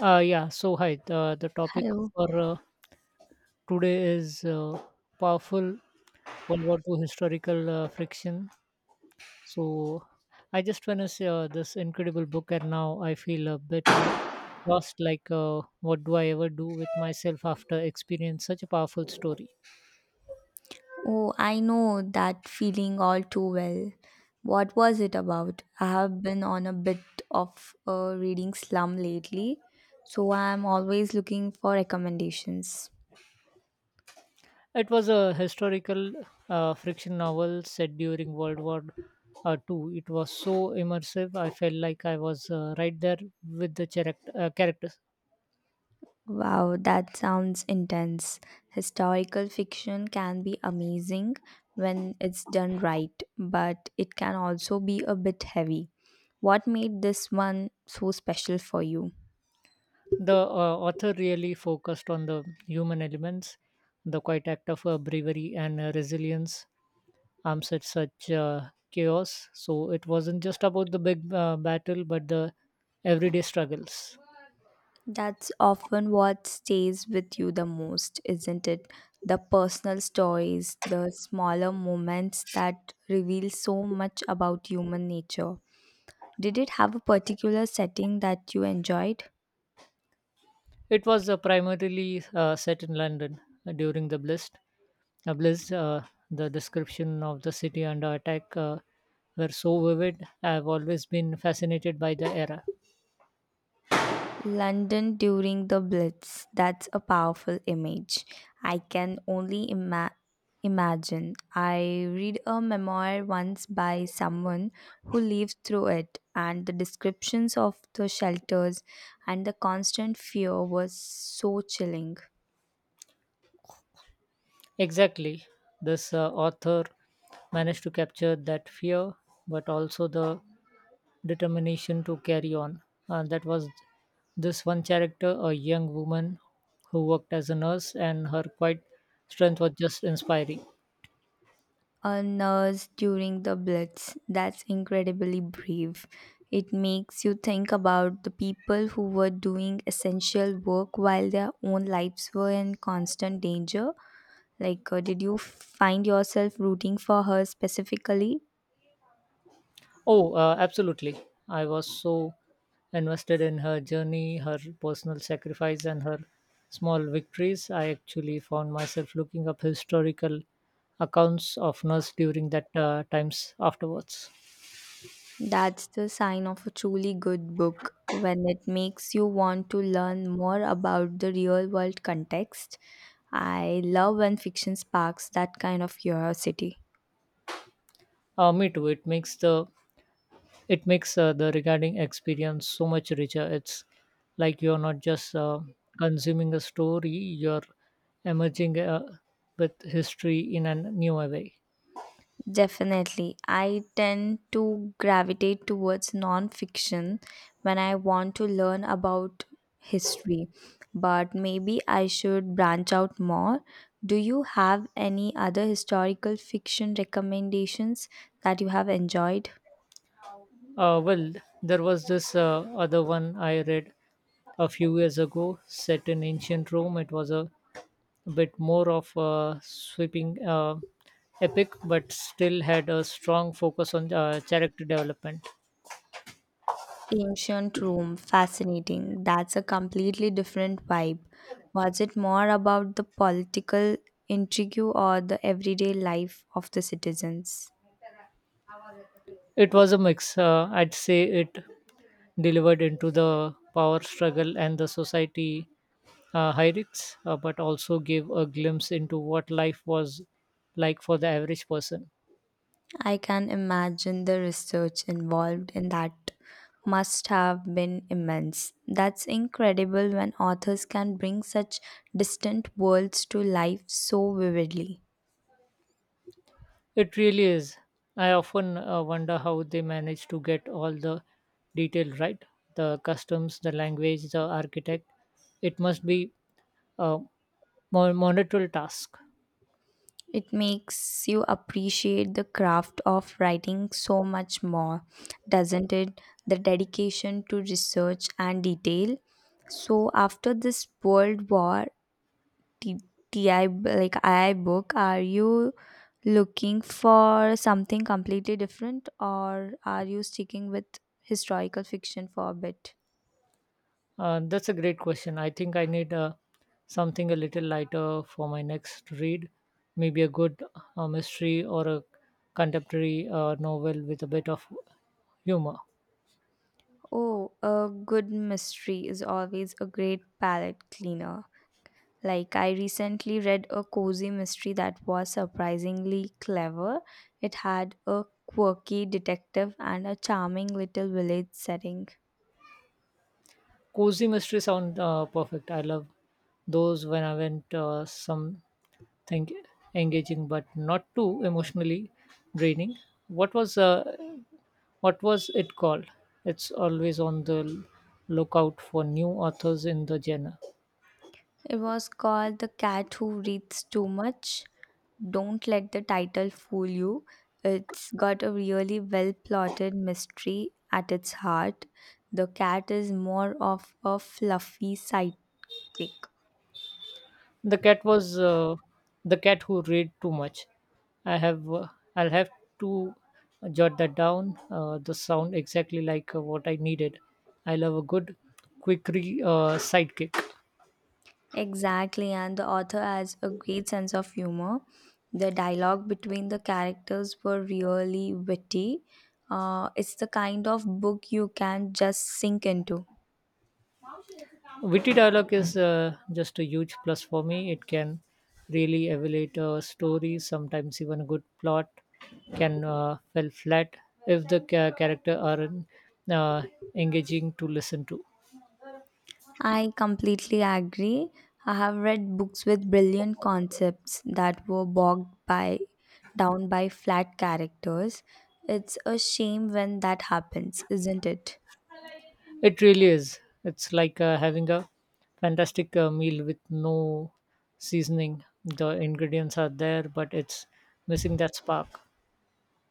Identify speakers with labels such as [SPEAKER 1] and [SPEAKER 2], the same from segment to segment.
[SPEAKER 1] Yeah, so hi. The topic
[SPEAKER 2] Hello.
[SPEAKER 1] for today is powerful World War II historical friction. So I just finished this incredible book, and now I feel a bit lost, like, what do I ever do with myself after experience such a powerful story?
[SPEAKER 2] Oh, I know that feeling all too well. What was it about? I have been on a bit of a reading slum lately, so I'm always looking for recommendations.
[SPEAKER 1] It was a historical friction novel set during World War II. It was so immersive. I felt like I was right there with the characters.
[SPEAKER 2] Wow, that sounds intense. Historical fiction can be amazing when it's done right, but it can also be a bit heavy. What made this one so special for you?
[SPEAKER 1] The author really focused on the human elements, the quiet act of bravery and resilience amidst such chaos. So it wasn't just about the big battle, but the everyday struggles.
[SPEAKER 2] That's often what stays with you the most, isn't it? The personal stories, the smaller moments that reveal so much about human nature. Did it have a particular setting that you enjoyed?
[SPEAKER 1] It was primarily set in London during the Blitz. Uh, Blitz, uh, the description of the city under attack were so vivid. I've always been fascinated by the era.
[SPEAKER 2] London during the Blitz. That's a powerful image. I can only imagine. I read a memoir once by someone who lived through it, and the descriptions of the shelters and the constant fear was so chilling.
[SPEAKER 1] Exactly. This author managed to capture that fear, but also the determination to carry on. That was this one character, a young woman who worked as a nurse, and her quiet strength was just inspiring.
[SPEAKER 2] A nurse during the Blitz. That's incredibly brave. It makes you think about the people who were doing essential work while their own lives were in constant danger. Like, did you find yourself rooting for her specifically?
[SPEAKER 1] Oh, absolutely. I was so invested in her journey, her personal sacrifice, and her small victories. I actually found myself looking up historical accounts of nurse during that times afterwards.
[SPEAKER 2] That's the sign of a truly good book when it makes you want to learn more about the real world context. I love when fiction sparks that kind of curiosity.
[SPEAKER 1] Me too. It makes the regarding experience so much richer. It's like you're not just consuming a story; you're emerging with history in a new way.
[SPEAKER 2] Definitely. I tend to gravitate towards non-fiction when I want to learn about history, but maybe I should branch out more. Do you have any other historical fiction recommendations that you have enjoyed?
[SPEAKER 1] Well, there was this other one I read a few years ago, set in ancient Rome. It was a bit more of a sweeping epic, but still had a strong focus on character development.
[SPEAKER 2] Ancient Rome, fascinating. That's a completely different vibe. Was it more about the political intrigue or the everyday life of the citizens?
[SPEAKER 1] It was a mix. I'd say it delivered into the power struggle and the society hierarchies, but also gave a glimpse into what life was like for the average person.
[SPEAKER 2] I can imagine the research involved in that must have been immense. That's incredible when authors can bring such distant worlds to life so vividly.
[SPEAKER 1] It really is. I often wonder how they manage to get all the detail right, the customs, the language, the architect. It must be a monumental task.
[SPEAKER 2] It makes you appreciate the craft of writing so much more, doesn't it? The dedication to research and detail. So, after this World War, T- TI, b- like I book, are you looking for something completely different or are you sticking with historical fiction for a bit?
[SPEAKER 1] That's a great question. I think I need something a little lighter for my next read. Maybe a good mystery or a contemporary novel with a bit of humor.
[SPEAKER 2] Oh, a good mystery is always a great palate cleaner. Like, I recently read a cozy mystery that was surprisingly clever. It had a quirky detective and a charming little village setting.
[SPEAKER 1] Cozy mystery sound perfect. I love those when I went something engaging but not too emotionally draining. What was uh, what was it called? It's always on the lookout for new authors in the genre.
[SPEAKER 2] It was called The Cat Who Reads Too Much. Don't let the title fool you. It's got a really well plotted mystery at its heart. The cat is more of a fluffy sidekick.
[SPEAKER 1] The cat was uh, the cat who read too much. I have uh, I'll have to jot that down. The sound exactly like what I needed. I love a good quick sidekick.
[SPEAKER 2] Exactly, and the author has a great sense of humor. The dialogue between the characters were really witty. It's the kind of book you can just sink into.
[SPEAKER 1] Witty dialogue is just a huge plus for me. It can really elevate a story. Sometimes even a good plot can fall flat if the character aren't uh, engaging to listen to.
[SPEAKER 2] I completely agree. I have read books with brilliant concepts that were bogged by down by flat characters. It's a shame when that happens, isn't it?
[SPEAKER 1] It really is. It's like having a fantastic meal with no seasoning. The ingredients are there, but it's missing that spark.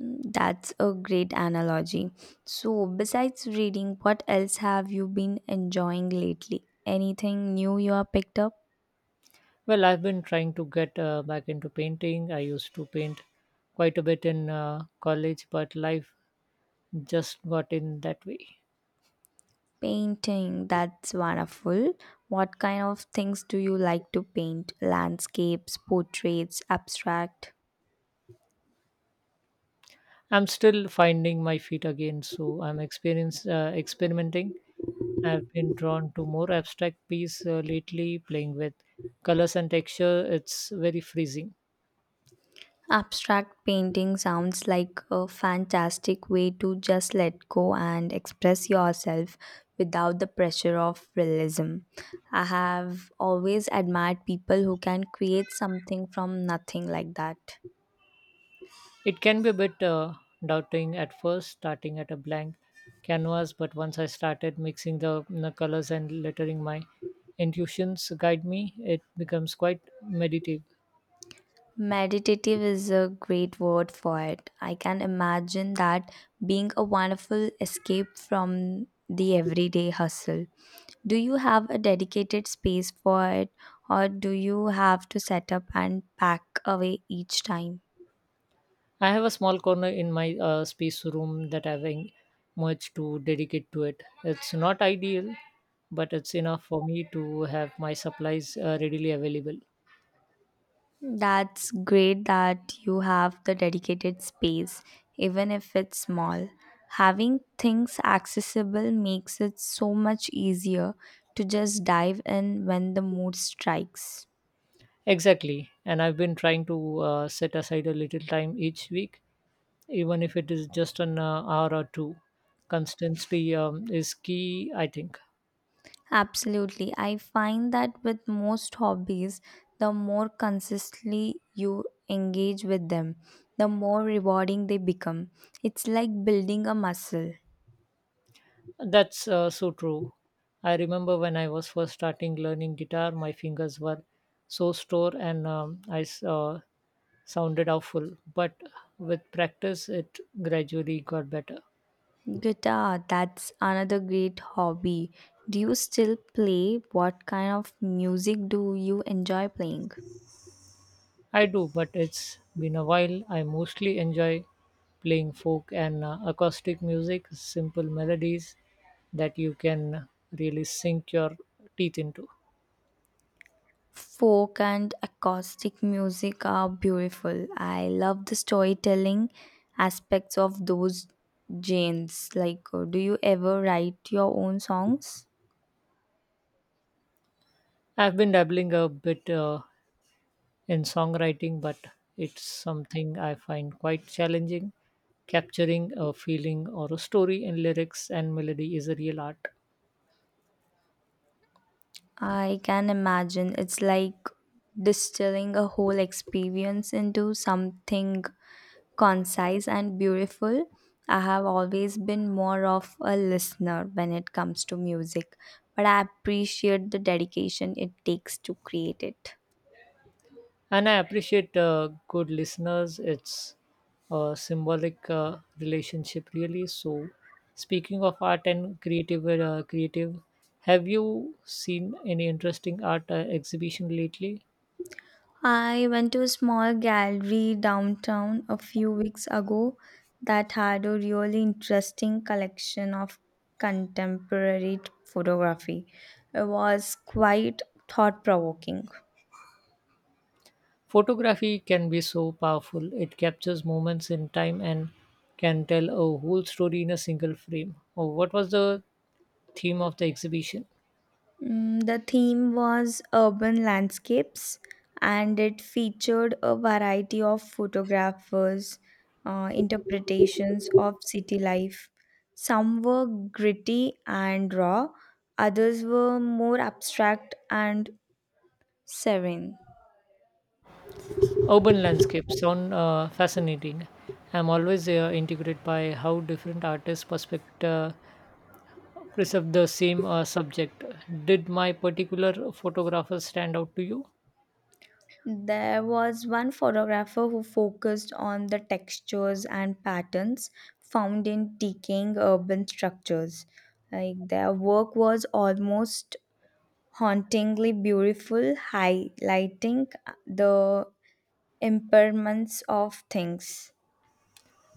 [SPEAKER 2] Mm, that's a great analogy. So, besides reading, what else have you been enjoying lately? Anything new you have picked up?
[SPEAKER 1] Well, I've been trying to get back into painting. I used to paint quite a bit in college, but life just got in that way.
[SPEAKER 2] Painting, that's wonderful. What kind of things do you like to paint? Landscapes, portraits, abstract?
[SPEAKER 1] I'm still finding my feet again, so I'm experience experimenting. I've been drawn to more abstract piece lately, playing with colors and texture. It's very freezing.
[SPEAKER 2] Abstract painting sounds like a fantastic way to just let go and express yourself without the pressure of realism. I have always admired people who can create something from nothing like that.
[SPEAKER 1] It can be a bit daunting at first, starting at a blank canvas, but once I started mixing the colors and lettering my intuitions guide me, it becomes quite meditative.
[SPEAKER 2] Meditative is a great word for it. I can imagine that being a wonderful escape from the everyday hustle. Do you have a dedicated space for it, or do you have to set up and pack away each time?
[SPEAKER 1] I have a small corner in my space room that I've much to dedicate to it. It's not ideal, but it's enough for me to have my supplies readily available.
[SPEAKER 2] That's great that you have the dedicated space, even if it's small. Having things accessible makes it so much easier to just dive in when the mood strikes.
[SPEAKER 1] Exactly, and I've been trying to set aside a little time each week, even if it is just an hour or two. Consistency is key, I think.
[SPEAKER 2] Absolutely. I find that with most hobbies, the more consistently you engage with them, the more rewarding they become. It's like building a muscle.
[SPEAKER 1] That's so true. I remember when I was first starting learning guitar, my fingers were so sore, and sounded awful. But with practice, it gradually got better.
[SPEAKER 2] Guitar, that's another great hobby. Do you still play? What kind of music do you enjoy playing?
[SPEAKER 1] I do, but it's been a while. I mostly enjoy playing folk and acoustic music, simple melodies that you can really sink your teeth into.
[SPEAKER 2] Folk and acoustic music are beautiful. I love the storytelling aspects of those genres. Like, do you ever write your own songs?
[SPEAKER 1] I've been dabbling a bit in songwriting, but it's something I find quite challenging. Capturing a feeling or a story in lyrics and melody is a real art.
[SPEAKER 2] I can imagine it's like distilling a whole experience into something concise and beautiful. I have always been more of a listener when it comes to music, but I appreciate the dedication it takes to create it.
[SPEAKER 1] And I appreciate good listeners. It's a symbolic relationship, really. So, speaking of art and creative, have you seen any interesting art exhibition lately?
[SPEAKER 2] I went to a small gallery downtown a few weeks ago that had a really interesting collection of contemporary photography. It was quite thought provoking.
[SPEAKER 1] Photography can be so powerful. It captures moments in time and can tell a whole story in a single frame. Oh, what was the theme of the exhibition?
[SPEAKER 2] Mm, the theme was urban landscapes and it featured a variety of photographers' interpretations of city life. Some were gritty and raw, others were more abstract and serene.
[SPEAKER 1] Urban landscapes sound fascinating. I'm always integrated by how different artists' perspective preserve the same subject. Did my particular photographer stand out to you?
[SPEAKER 2] There was one photographer who focused on the textures and patterns found in decaying urban structures. Like, their work was almost hauntingly beautiful, highlighting the impermanence of things.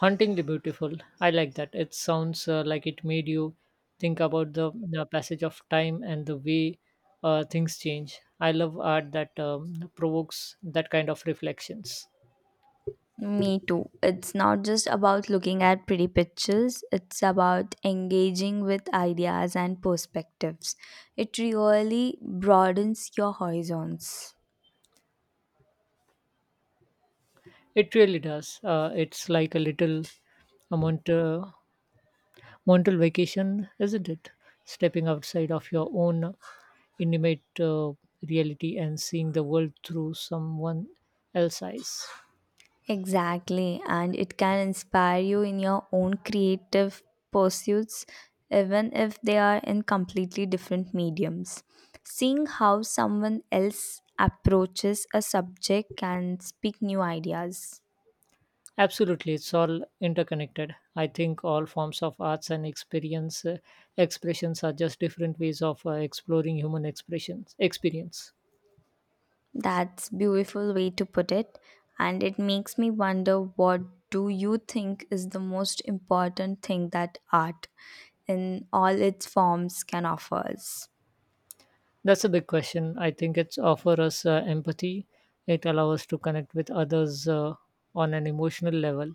[SPEAKER 1] Hauntingly beautiful. I like that. It sounds like it made you think about the passage of time and the way things change. I love art that provokes that kind of reflections.
[SPEAKER 2] Me too. It's not just about looking at pretty pictures, it's about engaging with ideas and perspectives. It really broadens your horizons.
[SPEAKER 1] It really does. It's like a little a mont- uh, mental vacation, isn't it? Stepping outside of your own intimate reality and seeing the world through someone else's eyes.
[SPEAKER 2] Exactly, and it can inspire you in your own creative pursuits, even if they are in completely different mediums. Seeing how someone else approaches a subject can speak new ideas.
[SPEAKER 1] Absolutely, it's all interconnected. I think all forms of arts and experience expressions are just different ways of exploring human expressions experience.
[SPEAKER 2] That's beautiful way to put it, and it makes me wonder, what do you think is the most important thing that art in all its forms can offer us?
[SPEAKER 1] That's a big question. I think it's offer us empathy. It allows us to connect with others on an emotional level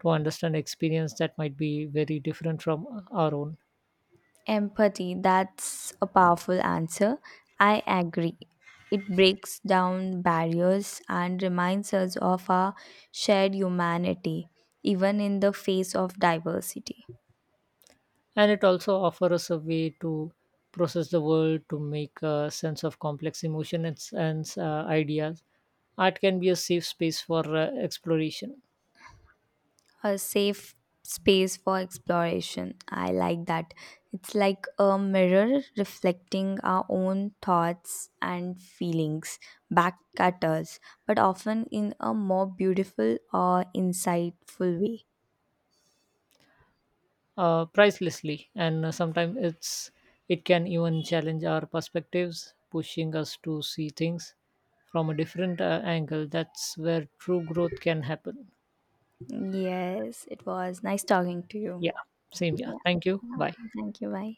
[SPEAKER 1] to understand experience that might be very different from our own.
[SPEAKER 2] Empathy, that's a powerful answer. I agree. It breaks down barriers and reminds us of our shared humanity, even in the face of diversity.
[SPEAKER 1] And it also offers us a way to process the world, to make a sense of complex emotions and, ideas. Art can be a safe space for exploration.
[SPEAKER 2] A safe space for exploration. I like that. It's like a mirror reflecting our own thoughts and feelings back at us, but often in a more beautiful or insightful way.
[SPEAKER 1] Pricelessly, and sometimes it can even challenge our perspectives, pushing us to see things from a different angle. That's where true growth can happen.
[SPEAKER 2] Yes, it was nice talking to you.
[SPEAKER 1] Yeah, same. Yeah,
[SPEAKER 2] Yeah.
[SPEAKER 1] thank you.
[SPEAKER 2] Yeah.
[SPEAKER 1] Bye.
[SPEAKER 2] Thank you. Bye.